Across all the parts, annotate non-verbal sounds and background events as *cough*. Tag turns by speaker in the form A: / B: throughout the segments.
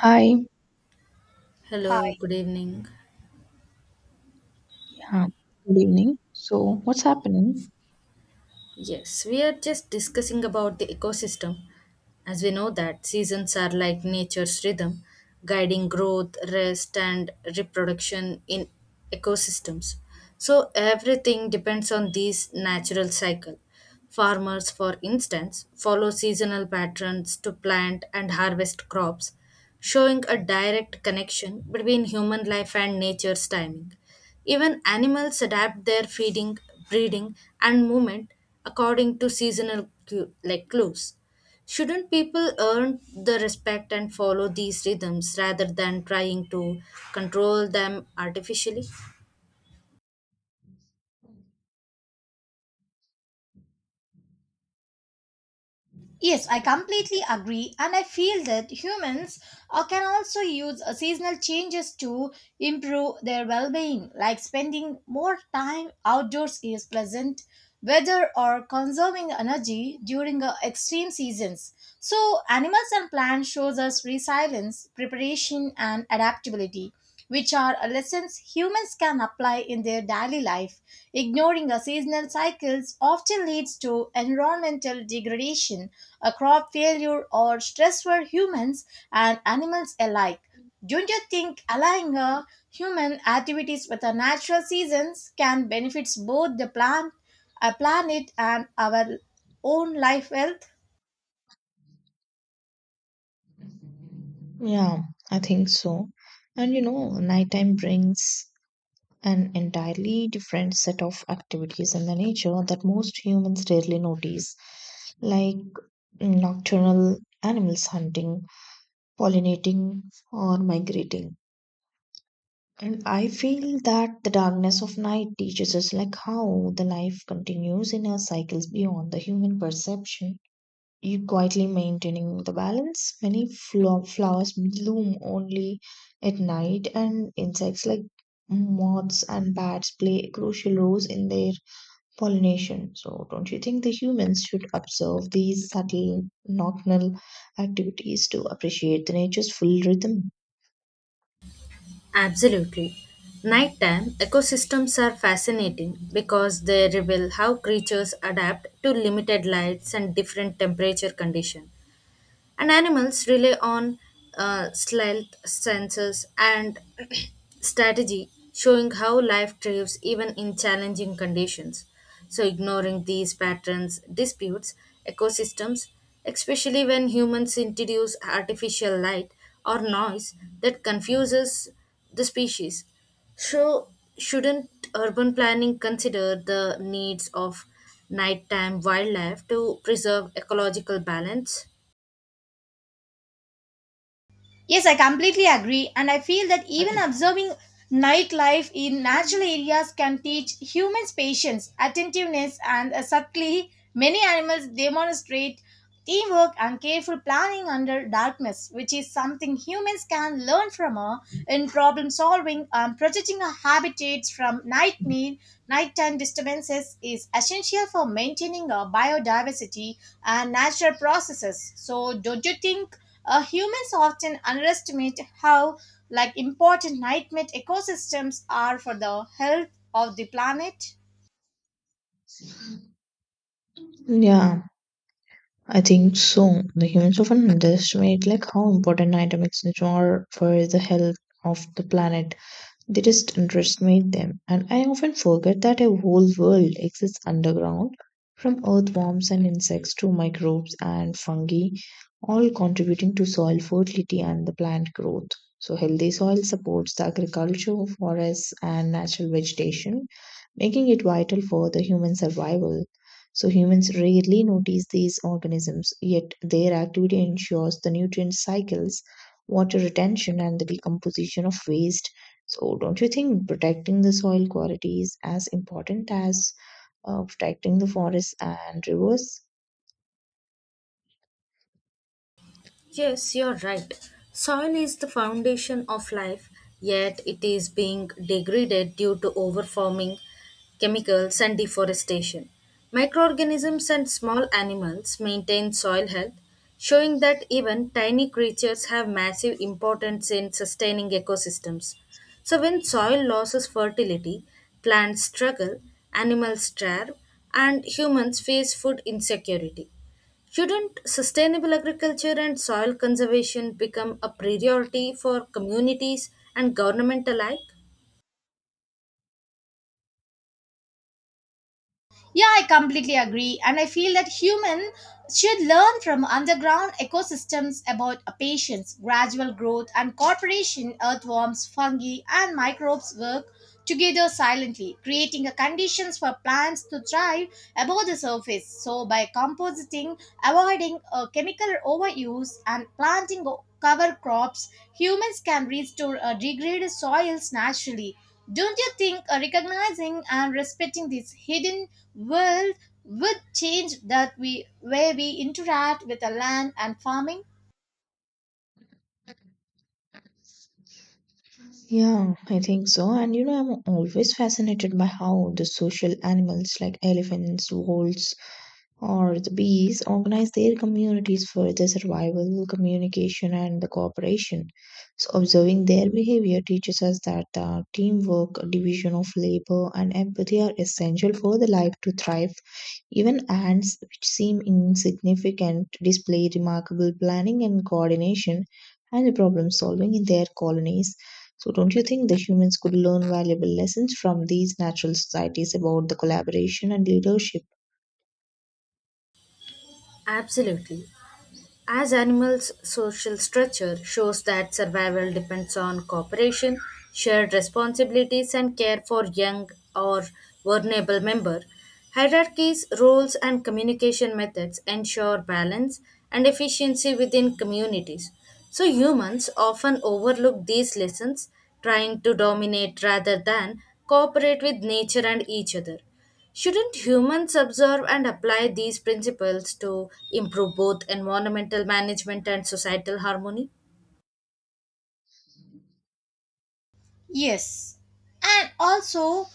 A: Hi,
B: Hello,
C: Hi.
B: good evening.
A: yeah, good evening. So, what's happening?
B: Yes, we are just discussing about the ecosystem. As we know that seasons are like nature's rhythm, guiding growth, rest and reproduction in ecosystems. So everything depends on these natural cycle. Farmers, for instance, follow seasonal patterns to plant and harvest crops, showing a direct connection between human life and nature's timing. Even animals adapt their feeding, breeding, and movement according to like clues. Shouldn't people earn the respect and follow these rhythms rather than trying to control them artificially?
C: Yes, I completely agree, and I feel that humans can also use seasonal changes to improve their well being, like spending more time outdoors is pleasant, weather or conserving energy during extreme seasons. So animals and plants shows us resilience, preparation and adaptability, which are lessons humans can apply in their daily life. Ignoring the seasonal cycles often leads to environmental degradation, a crop failure or stress for humans and animals alike. Don't you think aligning human activities with the natural seasons can benefits both the plant our planet and our own life wealth?
A: Yeah, I think so. And you know, nighttime brings an entirely different set of activities in the nature that most humans rarely notice, like nocturnal animals hunting, pollinating, or migrating. And I feel that the darkness of night teaches us like how the life continues in our cycles beyond the human perception. You quietly maintaining the balance. Many flowers bloom only at night, and insects like moths and bats play crucial roles in their pollination. So, don't you think the humans should observe these subtle nocturnal activities to appreciate the nature's full rhythm?
B: Absolutely. Nighttime ecosystems are fascinating because they reveal how creatures adapt to limited lights and different temperature conditions. And animals rely on stealth senses, and *clears throat* strategy, showing how life thrives even in challenging conditions. So, ignoring these patterns disputes ecosystems, especially when humans introduce artificial light or noise that confuses the species. So, shouldn't urban planning consider the needs of nighttime wildlife to preserve ecological balance?
C: Yes, I completely agree, and I feel that even observing nightlife in natural areas can teach humans patience, attentiveness, and subtly many animals demonstrate teamwork and careful planning under darkness, which is something humans can learn from in problem solving and protecting our habitats from nightmare. Nighttime disturbances is essential for maintaining our biodiversity and natural processes. So, don't you think humans often underestimate how like important night ecosystems are for the health of the planet?
A: Yeah, I think so. The humans often underestimate like how important night nature are for the health of the planet. They just underestimate them, and I often forget that a whole world exists underground, from earthworms and insects to microbes and fungi, all contributing to soil fertility and the plant growth. So, healthy soil supports the agriculture, forests, and natural vegetation, making it vital for the human survival. So humans rarely notice these organisms, yet their activity ensures the nutrient cycles, water retention, and the decomposition of waste. So don't you think protecting the soil quality is as important as protecting the forests and rivers?
B: Yes, you're right. Soil is the foundation of life, yet it is being degraded due to overfarming, chemicals, and deforestation. Microorganisms and small animals maintain soil health, showing that even tiny creatures have massive importance in sustaining ecosystems. So, when soil loses fertility, plants struggle, animals starve, and humans face food insecurity. Shouldn't sustainable agriculture and soil conservation become a priority for communities and government alike?
C: Yeah, I completely agree. And I feel that humans should learn from underground ecosystems about a patience, gradual growth, and cooperation. Earthworms, fungi, and microbes work together silently, creating a conditions for plants to thrive above the surface. So, by compositing, avoiding chemical overuse, and planting cover crops, humans can restore degraded soils naturally. Don't you think recognizing and respecting these hidden Will would change that we way we interact with the land and farming?
A: Yeah, I think so. And you know, I'm always fascinated by how the social animals like elephants, wolves, or the bees organize their communities for the survival, communication, and the cooperation. So, observing their behavior teaches us that teamwork, division of labor, and empathy are essential for the life to thrive. Even ants, which seem insignificant, display remarkable planning and coordination and problem solving in their colonies. So, don't you think the humans could learn valuable lessons from these natural societies about the collaboration and leadership?
B: Absolutely. As animals' social structure shows that survival depends on cooperation, shared responsibilities, and care for young or vulnerable member, hierarchies, roles, and communication methods ensure balance and efficiency within communities. So humans often overlook these lessons, trying to dominate rather than cooperate with nature and each other. Shouldn't humans observe and apply these principles to improve both environmental management and societal harmony?
C: Yes. And also,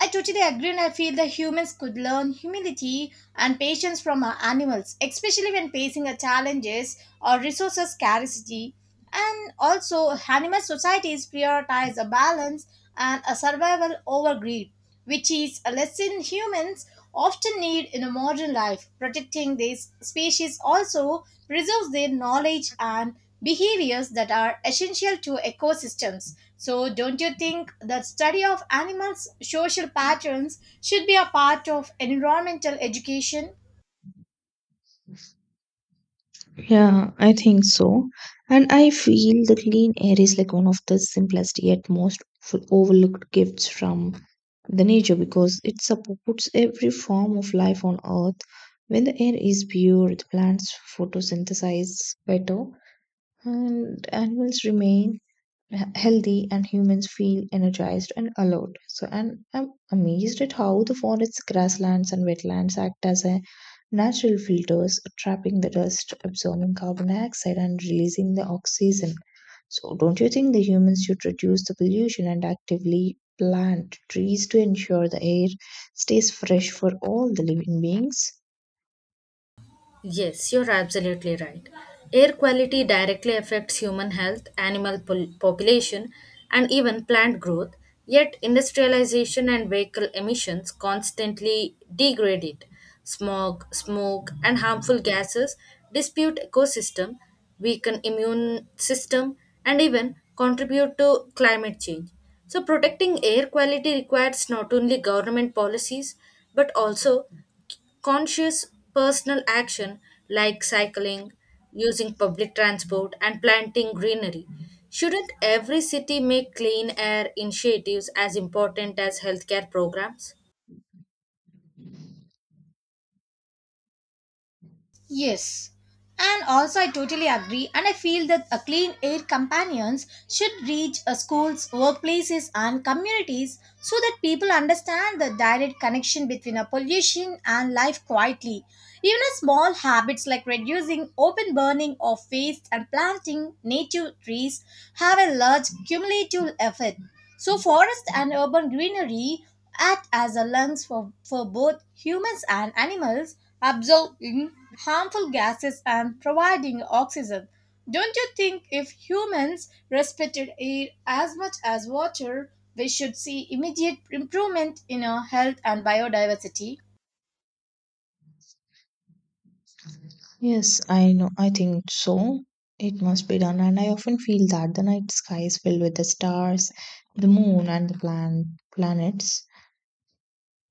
C: I totally agree and I feel that humans could learn humility and patience from our animals, especially when facing a challenges or resources scarcity. And also, animal societies prioritize a balance and a survival over greed, which is a lesson humans often need in a modern life. Protecting these species also preserves their knowledge and behaviors that are essential to ecosystems. So, don't you think that study of animals' social patterns should be a part of environmental education?
A: Yeah, I think so. And I feel the clean air is like one of the simplest yet most overlooked gifts from the nature because it supports every form of life on earth. When the air is pure, the plants photosynthesize better and animals remain healthy and humans feel energized and alert. So and I'm amazed at how the forests, grasslands and wetlands act as a natural filters are trapping the dust, absorbing carbon dioxide, and releasing the oxygen. So, don't you think the humans should reduce the pollution and actively plant trees to ensure the air stays fresh for all the living beings?
B: Yes, you're absolutely right. Air quality directly affects human health, population, and even plant growth, yet, industrialization and vehicle emissions constantly degrade it. Smog, smoke, and harmful gases dispute ecosystem, weaken immune system, and even contribute to climate change. So protecting air quality requires not only government policies but also conscious personal action like cycling, using public transport, and planting greenery. Shouldn't every city make clean air initiatives as important as healthcare programs?
C: Yes, and also I totally agree, and I feel that a clean air companions should reach schools, workplaces, and communities so that people understand the direct connection between a pollution and life quietly. Even a small habits like reducing open burning of waste and planting native trees have a large cumulative effect. So, forest and urban greenery act as a lungs for both humans and animals, absorbing harmful gases and providing oxygen. Don't you think if humans respected air as much as water, we should see immediate improvement in our health and biodiversity?
A: Yes, I know. I think so. It must be done. And I often feel that the night sky is filled with the stars, the moon, and the planets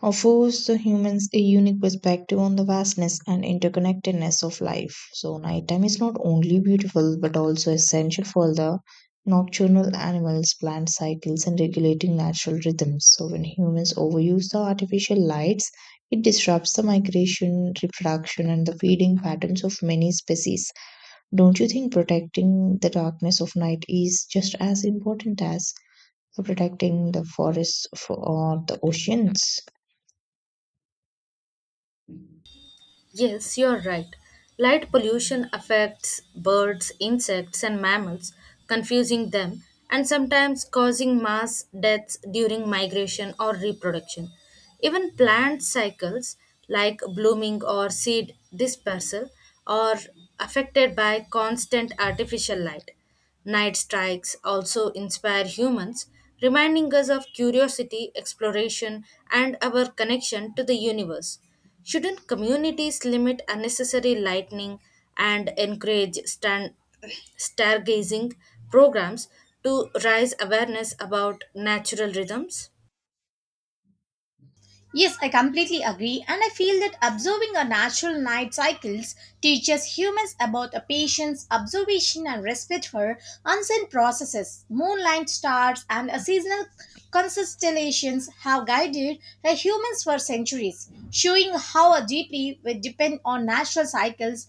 A: offers the humans a unique perspective on the vastness and interconnectedness of life. So, nighttime is not only beautiful but also essential for the nocturnal animals, plant cycles, and regulating natural rhythms. So, when humans overuse the artificial lights, it disrupts the migration, reproduction, and the feeding patterns of many species. Don't you think protecting the darkness of night is just as important as protecting the forests for, or the oceans?
B: Yes, you're right. Light pollution affects birds, insects, and mammals, confusing them and sometimes causing mass deaths during migration or reproduction. Even plant cycles like blooming or seed dispersal are affected by constant artificial light. Night strikes also inspire humans, reminding us of curiosity, exploration, and our connection to the universe. Shouldn't communities limit unnecessary lightning and encourage *clears throat* stargazing programs to raise awareness about natural rhythms?
C: Yes, I completely agree, and I feel that observing our natural night cycles teaches humans about a patience, observation, and respect for unseen processes. Moonlight stars and a seasonal constellations have guided the humans for centuries, showing how deeply we depend on natural cycles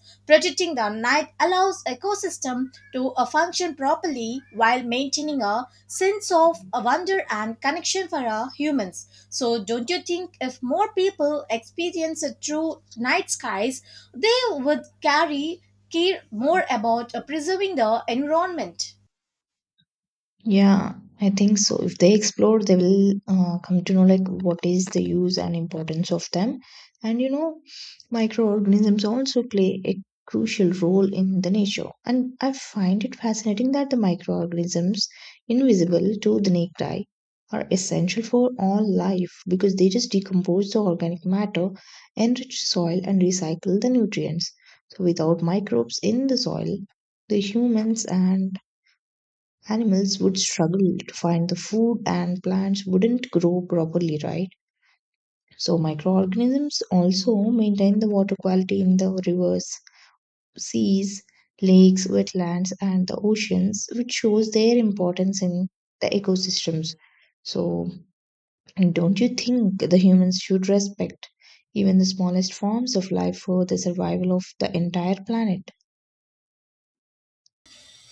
C: cycles, protecting the night allows ecosystem to function properly while maintaining a sense of wonder and connection for humans. So don't you think if more people experience a true night skies, they would carry care more about preserving the environment?
A: Yeah, I think so. If they explore, they will come to know like what is the use and importance of them. And you know, microorganisms also play a crucial role in the nature. And I find it fascinating that the microorganisms, invisible to the naked eye, are essential for all life because they just decompose the organic matter, enrich soil, and recycle the nutrients. So without microbes in the soil, the humans and animals would struggle to find the food and plants wouldn't grow properly, right? So, microorganisms also maintain the water quality in the rivers, seas, lakes, wetlands, and the oceans, which shows their importance in the ecosystems. So, and don't you think the humans should respect even the smallest forms of life for the survival of the entire planet?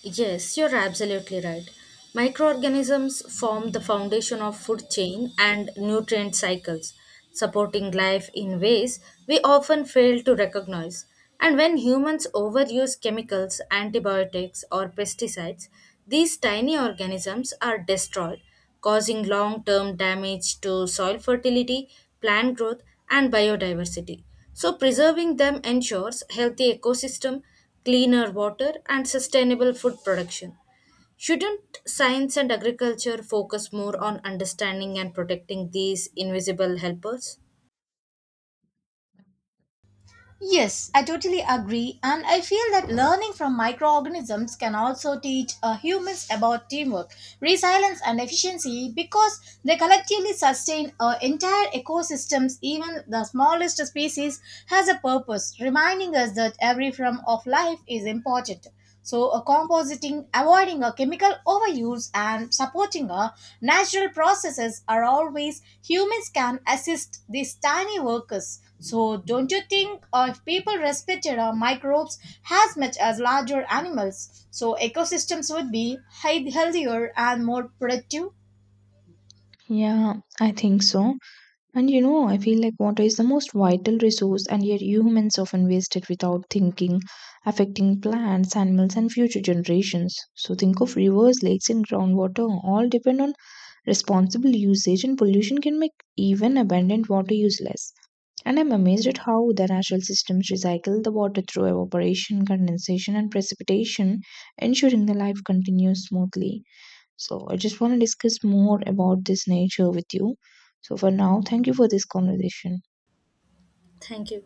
B: Yes, you're absolutely right. Microorganisms form the foundation of food chain and nutrient cycles, supporting life in ways we often fail to recognize. And when humans overuse chemicals, antibiotics, or pesticides, these tiny organisms are destroyed, causing long term damage to soil fertility, plant growth, and biodiversity. So, preserving them ensures healthy ecosystem cleaner water, and sustainable food production. Shouldn't science and agriculture focus more on understanding and protecting these invisible helpers?
C: Yes, I totally agree, and I feel that learning from microorganisms can also teach humans about teamwork, resilience, and efficiency because they collectively sustain entire ecosystems. Even the smallest species has a purpose, reminding us that every form of life is important. So, a compositing, avoiding a chemical overuse, and supporting a natural processes are always humans can assist these tiny workers. So, don't you think if people respected our microbes as much as larger animals, so ecosystems would be healthier and more productive?
A: Yeah, I think so. And you know, I feel like water is the most vital resource, and yet humans often waste it without thinking, affecting plants, animals, and future generations. So, think of rivers, lakes, and groundwater all depend on responsible usage, and pollution can make even abundant water useless. And I'm amazed at how the natural systems recycle the water through evaporation, condensation, and precipitation, ensuring the life continues smoothly. So I just want to discuss more about this nature with you. So for now, thank you for this conversation.
B: Thank you.